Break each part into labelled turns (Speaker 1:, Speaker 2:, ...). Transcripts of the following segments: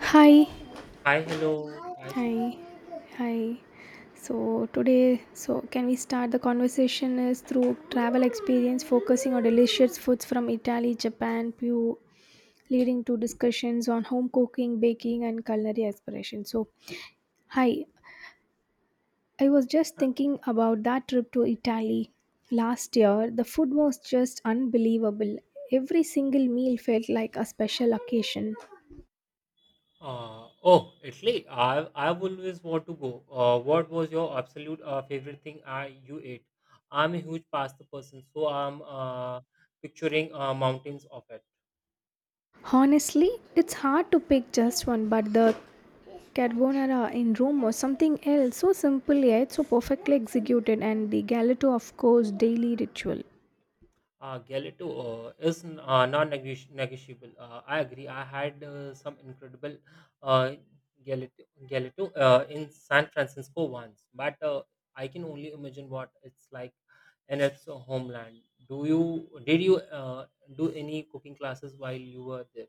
Speaker 1: Hi,
Speaker 2: Hi, hello. Hi, Sumit.
Speaker 1: hi, hi. So today, can we start the conversation is through travel experience, focusing on delicious foods from Italy, Japan, Peru, leading to discussions on home cooking, baking, and culinary aspirations. So, hi, I was just thinking about that trip to Italy last year. The food was just unbelievable. Every single meal felt like a special occasion.
Speaker 2: Oh, Italy. I've always want to go. What was your absolute favorite thing I you ate? I'm a huge pasta person, so I'm picturing mountains of it.
Speaker 1: Honestly, it's hard to pick just one, but the Carbonara in Rome was something else, so simple yet so perfectly executed, and the Galato, of course, daily ritual.
Speaker 2: Gelato is non-negotiable. I agree. I had some incredible uh, gelato, gelato in San Francisco once, but I can only imagine what it's like and its homeland. Do you did you uh, do any cooking classes while you were there?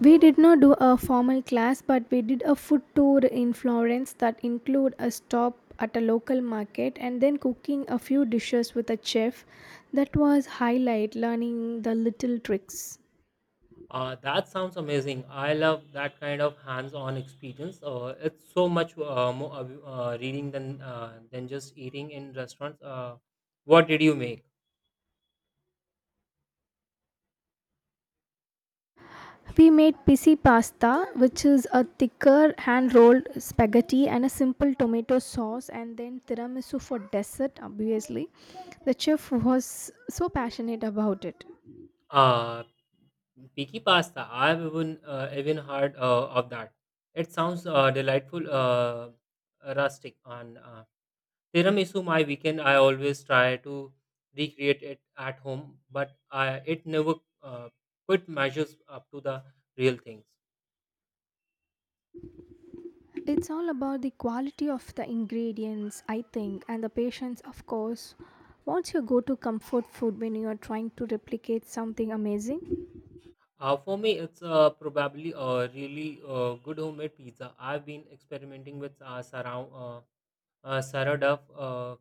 Speaker 1: We did not do a formal class, but we did a food tour in Florence that include a stop at a local market and then cooking a few dishes with a chef. That was highlight learning the little tricks.
Speaker 2: That sounds amazing. I love that kind of hands-on experience. It's so much more reading than just eating in restaurants. What did you make?
Speaker 1: We made pisi pasta, which is a thicker hand rolled spaghetti and a simple tomato sauce, and then tiramisu for dessert, obviously. The chef was so passionate about it.
Speaker 2: Uh, Piki pasta. I've even heard of that. It sounds delightful, rustic, and tiramisu, my weekend, I always try to recreate it at home, but it never uh, quite measures up to the real things.
Speaker 1: It's all about the quality of the ingredients, I think, and the patience, of course. What's your go to comfort food when you are trying to replicate something amazing?
Speaker 2: For me, it's probably a really good homemade pizza. I've been experimenting with sarao, sourdough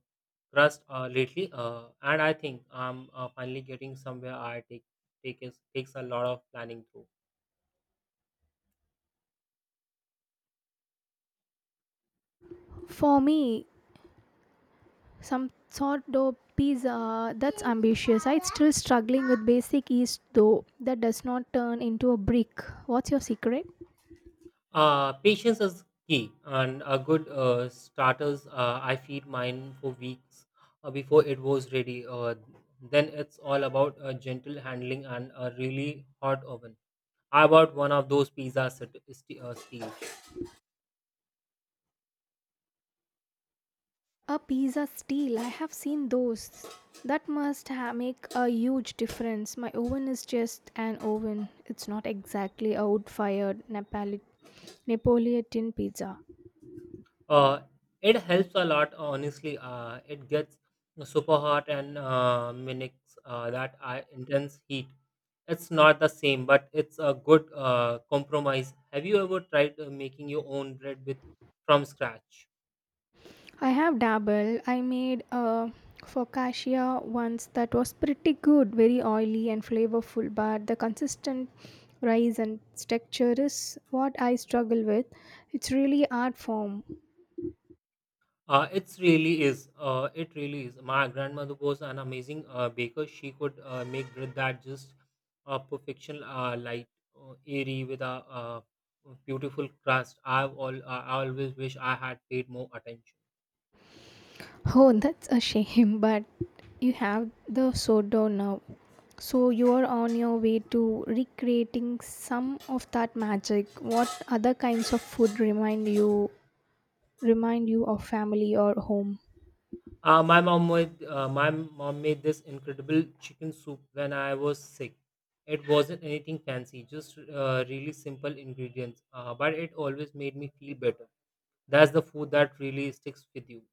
Speaker 2: crust lately, and I think I'm finally getting somewhere. I take take is, takes a lot of planning through.
Speaker 1: For me, some sourdough pizza that's ambitious. I'm still struggling with basic yeast though that does not turn into a brick. What's your secret?
Speaker 2: Patience is key, and a good starters. I feed mine for weeks before it was ready. Then it's all about gentle handling and a really hot oven. I bought one of those pizza steels.
Speaker 1: A pizza steel, I have seen those. That must make a huge difference. My oven is just an oven, it's not exactly a wood fired napolitan pizza.
Speaker 2: Uh, it helps a lot, honestly. It gets super hot and mimics that I intense heat. It's not the same, but it's a good compromise. Have you ever tried making your own bread with from scratch?
Speaker 1: I have dabbled. I made a focaccia once that was pretty good, very oily and flavorful, but the consistent rise and texture is what I struggle with. It's really art form.
Speaker 2: It really is. My grandmother was an amazing baker. She could make bread that just perfection, light, airy, with a uh, beautiful crust. I've all. I always wish I had paid more attention.
Speaker 1: Oh, that's a shame, but you have the sourdough now. So you are on your way to recreating some of that magic. What other kinds of food remind you of family or home?
Speaker 2: My mom made this incredible chicken soup when I was sick. It wasn't anything fancy, just really simple ingredients. But it always made me feel better. That's the food that really sticks with you.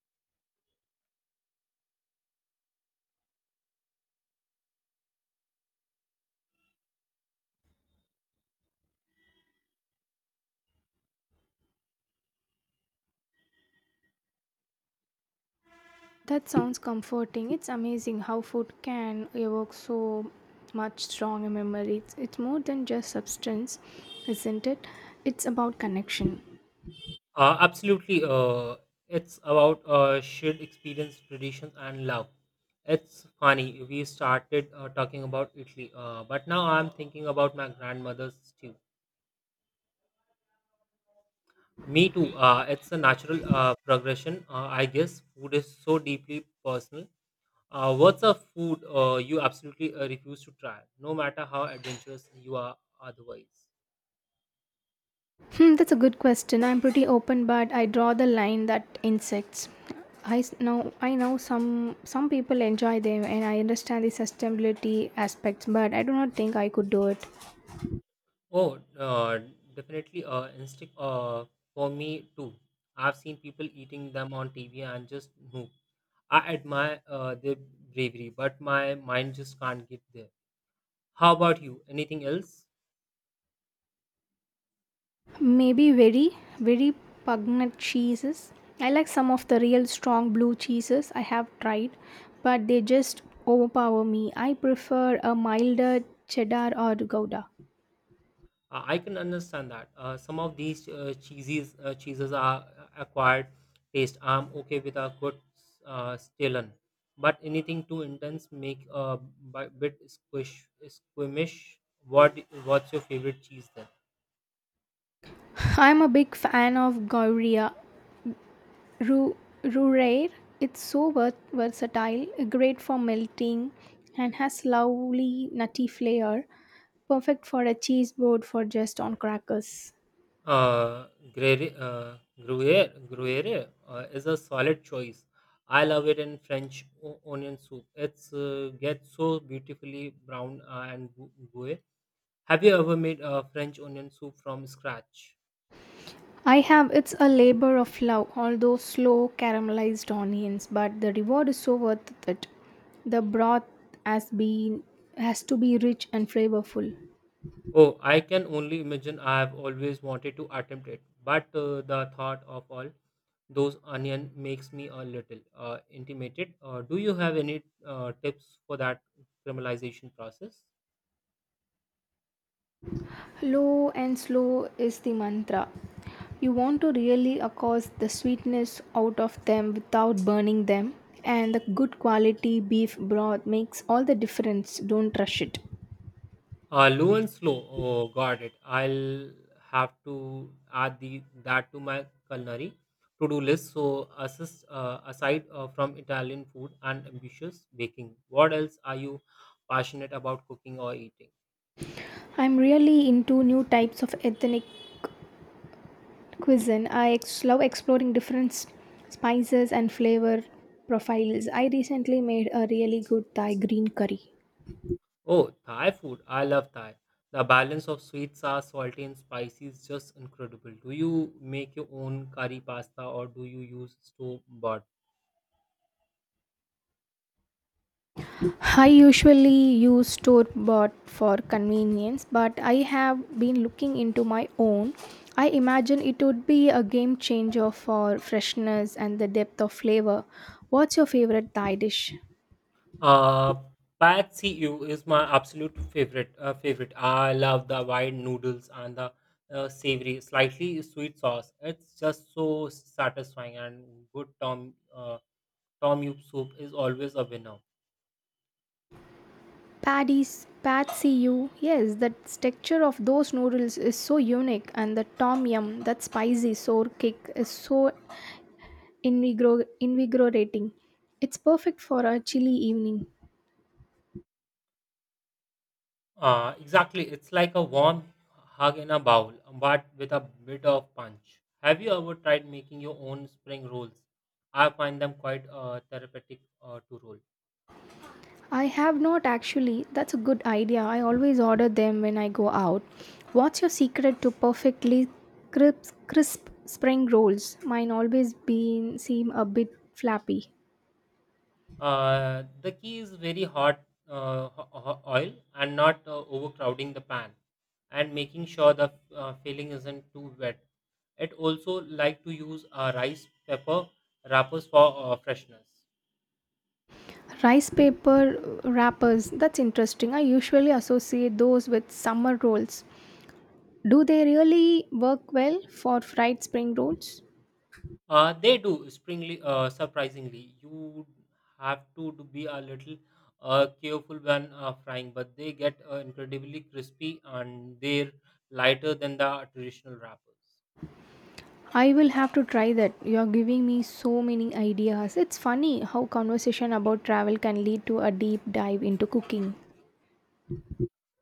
Speaker 1: That sounds comforting. It's amazing how food can evoke so much strong memory. It's more than just substance, isn't it? It's about connection.
Speaker 2: Absolutely. It's about shared experience, traditions, and love. It's funny. We started talking about Italy, but now I'm thinking about my grandmother's stew. Me too. It's a natural progression, I guess. Food is so deeply personal. What's a food you absolutely refuse to try, no matter how adventurous you are otherwise?
Speaker 1: Hmm, that's a good question. I'm pretty open, but I draw the line that insects. I know some people enjoy them, and I understand the sustainability aspects, but I do not think I could do it.
Speaker 2: Oh, definitely instinct for me too. I've seen people eating them on TV and just no. I admire their bravery, but my mind just can't get there. How about you? Anything else?
Speaker 1: Maybe very, very pungent cheeses. I like some of the real strong blue cheeses I have tried, but they just overpower me. I prefer a milder cheddar or gouda.
Speaker 2: I can understand that. Some of these cheeses are acquired taste. I'm okay with a good Stilton, but anything too intense make a bit squeamish. What's your favorite cheese then?
Speaker 1: I'm a big fan of Gouria Ru- Rureir. It's so versatile, great for melting, and has lovely nutty flavor. Perfect for a cheese board for just on crackers.
Speaker 2: Uh, Gruyere, Gruyere, Gruyere is a solid choice. I love it in French onion soup. It's gets so beautifully brown and gooey. Have you ever made a French onion soup from scratch?
Speaker 1: I have. It's a labor of love, although slow caramelized onions, but the reward is so worth it. The broth has been has to be rich and flavorful.
Speaker 2: Oh, I can only imagine. I have always wanted to attempt it, but the thought of all those onion makes me a little intimidated. Do you have any tips for that caramelization process?
Speaker 1: Low and slow is the mantra. You want to really accost the sweetness out of them without burning them, and the good quality beef broth makes all the difference. Don't rush it.
Speaker 2: Low and slow. Oh, got it. I'll have to add the that to my culinary to-do list. So, assist aside from Italian food and ambitious baking, what else are you passionate about cooking or eating?
Speaker 1: I'm really into new types of ethnic cuisine. I love exploring different spices and flavor profiles. I recently made a really good thai green curry.
Speaker 2: Oh, Thai food. I love Thai. The balance of sweet, sour, salty, and spicy is just incredible. Do you make your own curry pasta or do you use store bought?
Speaker 1: I usually use store bought for convenience, but I have been looking into my own. I imagine it would be a game changer for freshness and the depth of flavor. What's your favorite thai dish?
Speaker 2: Uh, Pad See Ew is my absolute favorite. I love the wide noodles and the savory, slightly sweet sauce. It's just so satisfying, and good tom yum soup is always a winner.
Speaker 1: Paddy's Patsy you. Yes, the texture of those noodles is so unique, and the tom yum, that spicy sour kick, is so invigorating. It's perfect for a chilly evening.
Speaker 2: Exactly. It's like a warm hug in a bowl, but with a bit of punch. Have you ever tried making your own spring rolls? I find them quite therapeutic to roll.
Speaker 1: I have not actually. That's a good idea. I always order them when I go out. What's your secret to perfectly crisp spring rolls? Mine always been seem a bit flappy.
Speaker 2: The key is very hot oil and not overcrowding the pan and making sure the filling isn't too wet. It also like to use rice pepper wrappers for freshness.
Speaker 1: Rice paper wrappers, that's interesting. I usually associate those with summer rolls. Do they really work well for fried spring rolls?
Speaker 2: They do springly, surprisingly. You have do be a little careful when frying, but they get incredibly crispy and they're lighter than the traditional wrappers.
Speaker 1: I will have to try that. You're giving me so many ideas. It's funny how conversation about travel can lead to a deep dive into cooking.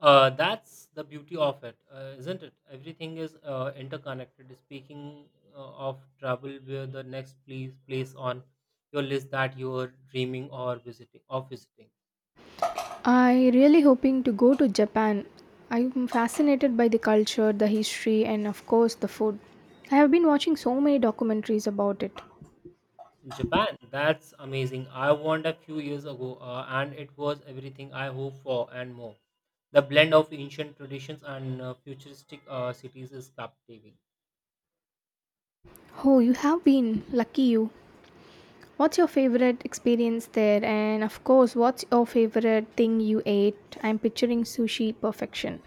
Speaker 2: That's the beauty of it, isn't it? Everything is interconnected. Speaking of travel, where the next place on your list that you are dreaming or visiting of visiting
Speaker 1: I really hoping to go to Japan. I'm fascinated by the culture, the history, and of course the food. I have been watching so many documentaries about it.
Speaker 2: Japan. That's amazing. I went a few years ago, and it was everything I hope for and more. The blend of ancient traditions and futuristic cities is captivating.
Speaker 1: Oh, you have been lucky you. What's your favorite experience there? And of course, what's your favorite thing you ate? I'm picturing sushi perfection.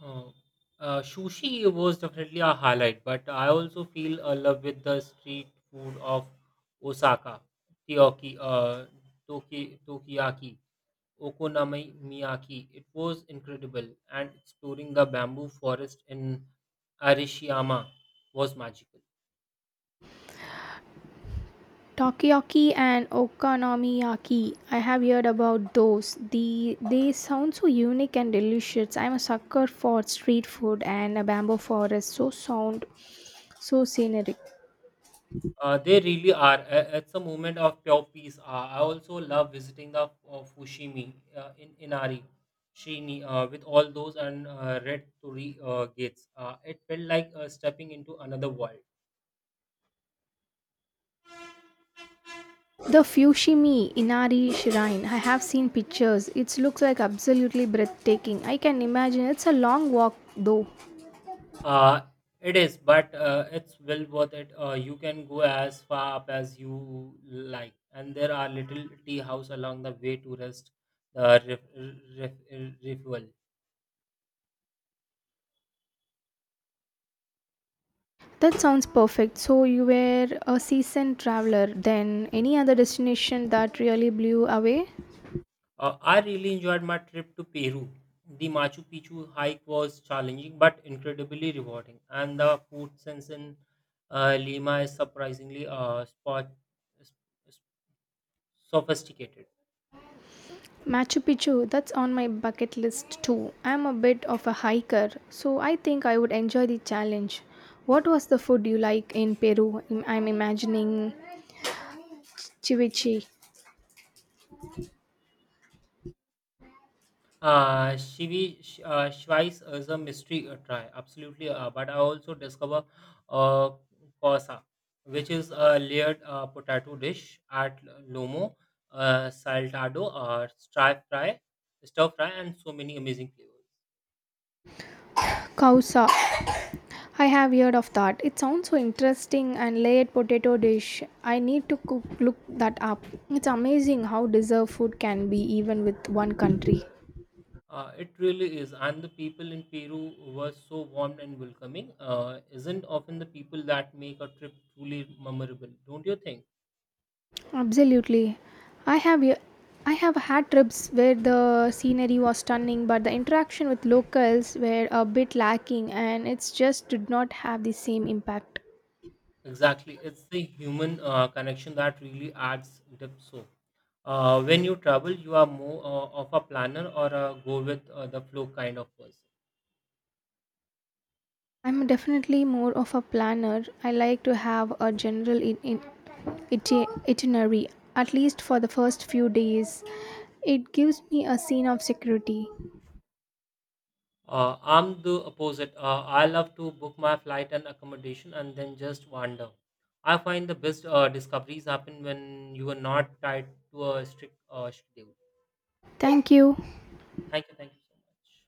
Speaker 2: Oh, sushi was definitely a highlight, but I also feel a love with the street food of Osaka, Tokyo, Tokiyaki, Okonomiyaki. It was incredible, and exploring the bamboo forest in Arishiyama was magical.
Speaker 1: Takoyaki and okonomiyaki. I have heard about those. The they sound so unique and delicious. I'm a sucker for street food and a bamboo forest. So sound so scenic.
Speaker 2: They really are. It's a moment of pure peace. I also love visiting the Fushimi in Inari, Shini, with all those and red torii gates. It felt like stepping into another world.
Speaker 1: The Fushimi Inari Shrine. I have seen pictures. It looks like absolutely breathtaking. I can imagine it's a long walk though.
Speaker 2: Uh, it is, but it's well worth it. You can go as far up as you like, and there are little tea house along the way to rest the refuel.
Speaker 1: That sounds perfect. So, you were a seasoned traveler then. Any other destination that really blew away?
Speaker 2: I really enjoyed my trip to Peru. The Machu Picchu hike was challenging but incredibly rewarding, and the food sense in Lima is surprisingly s- sophisticated.
Speaker 1: Machu Picchu, that's on my bucket list too. I'm a bit of a hiker, so I think I would enjoy the challenge. What was the food you like in Peru? I'm imagining ceviche,
Speaker 2: Schweiss is a mystery try, absolutely, but I also discover uh, cosa, which is a layered potato dish at Lomo, saltado, stir fry, and so many amazing flavors.
Speaker 1: causa. I have heard of that. It sounds so interesting and layered potato dish. I need to look that up. It's amazing how diverse food can be even with one country.
Speaker 2: It really is. And the people in Peru were so warm and welcoming. Isn't often the people that make a trip truly memorable, don't you think?
Speaker 1: Absolutely. I have y- I have had trips where the scenery was stunning but the interaction with locals were a bit lacking and it's just did not have the same impact.
Speaker 2: Exactly. It's the human connection that really adds depth. So, when you travel, you are more of a planner or a go with the flow kind of person.
Speaker 1: I'm definitely more of a planner. I like to have a general itinerary at least for the first few days. It gives me a sense of security.
Speaker 2: I'm the opposite. I love to book my flight and accommodation and then just wander. I find the best discoveries happen when you are not tied to a strict schedule.
Speaker 1: Thank you.
Speaker 2: Thank you. Thank you so much.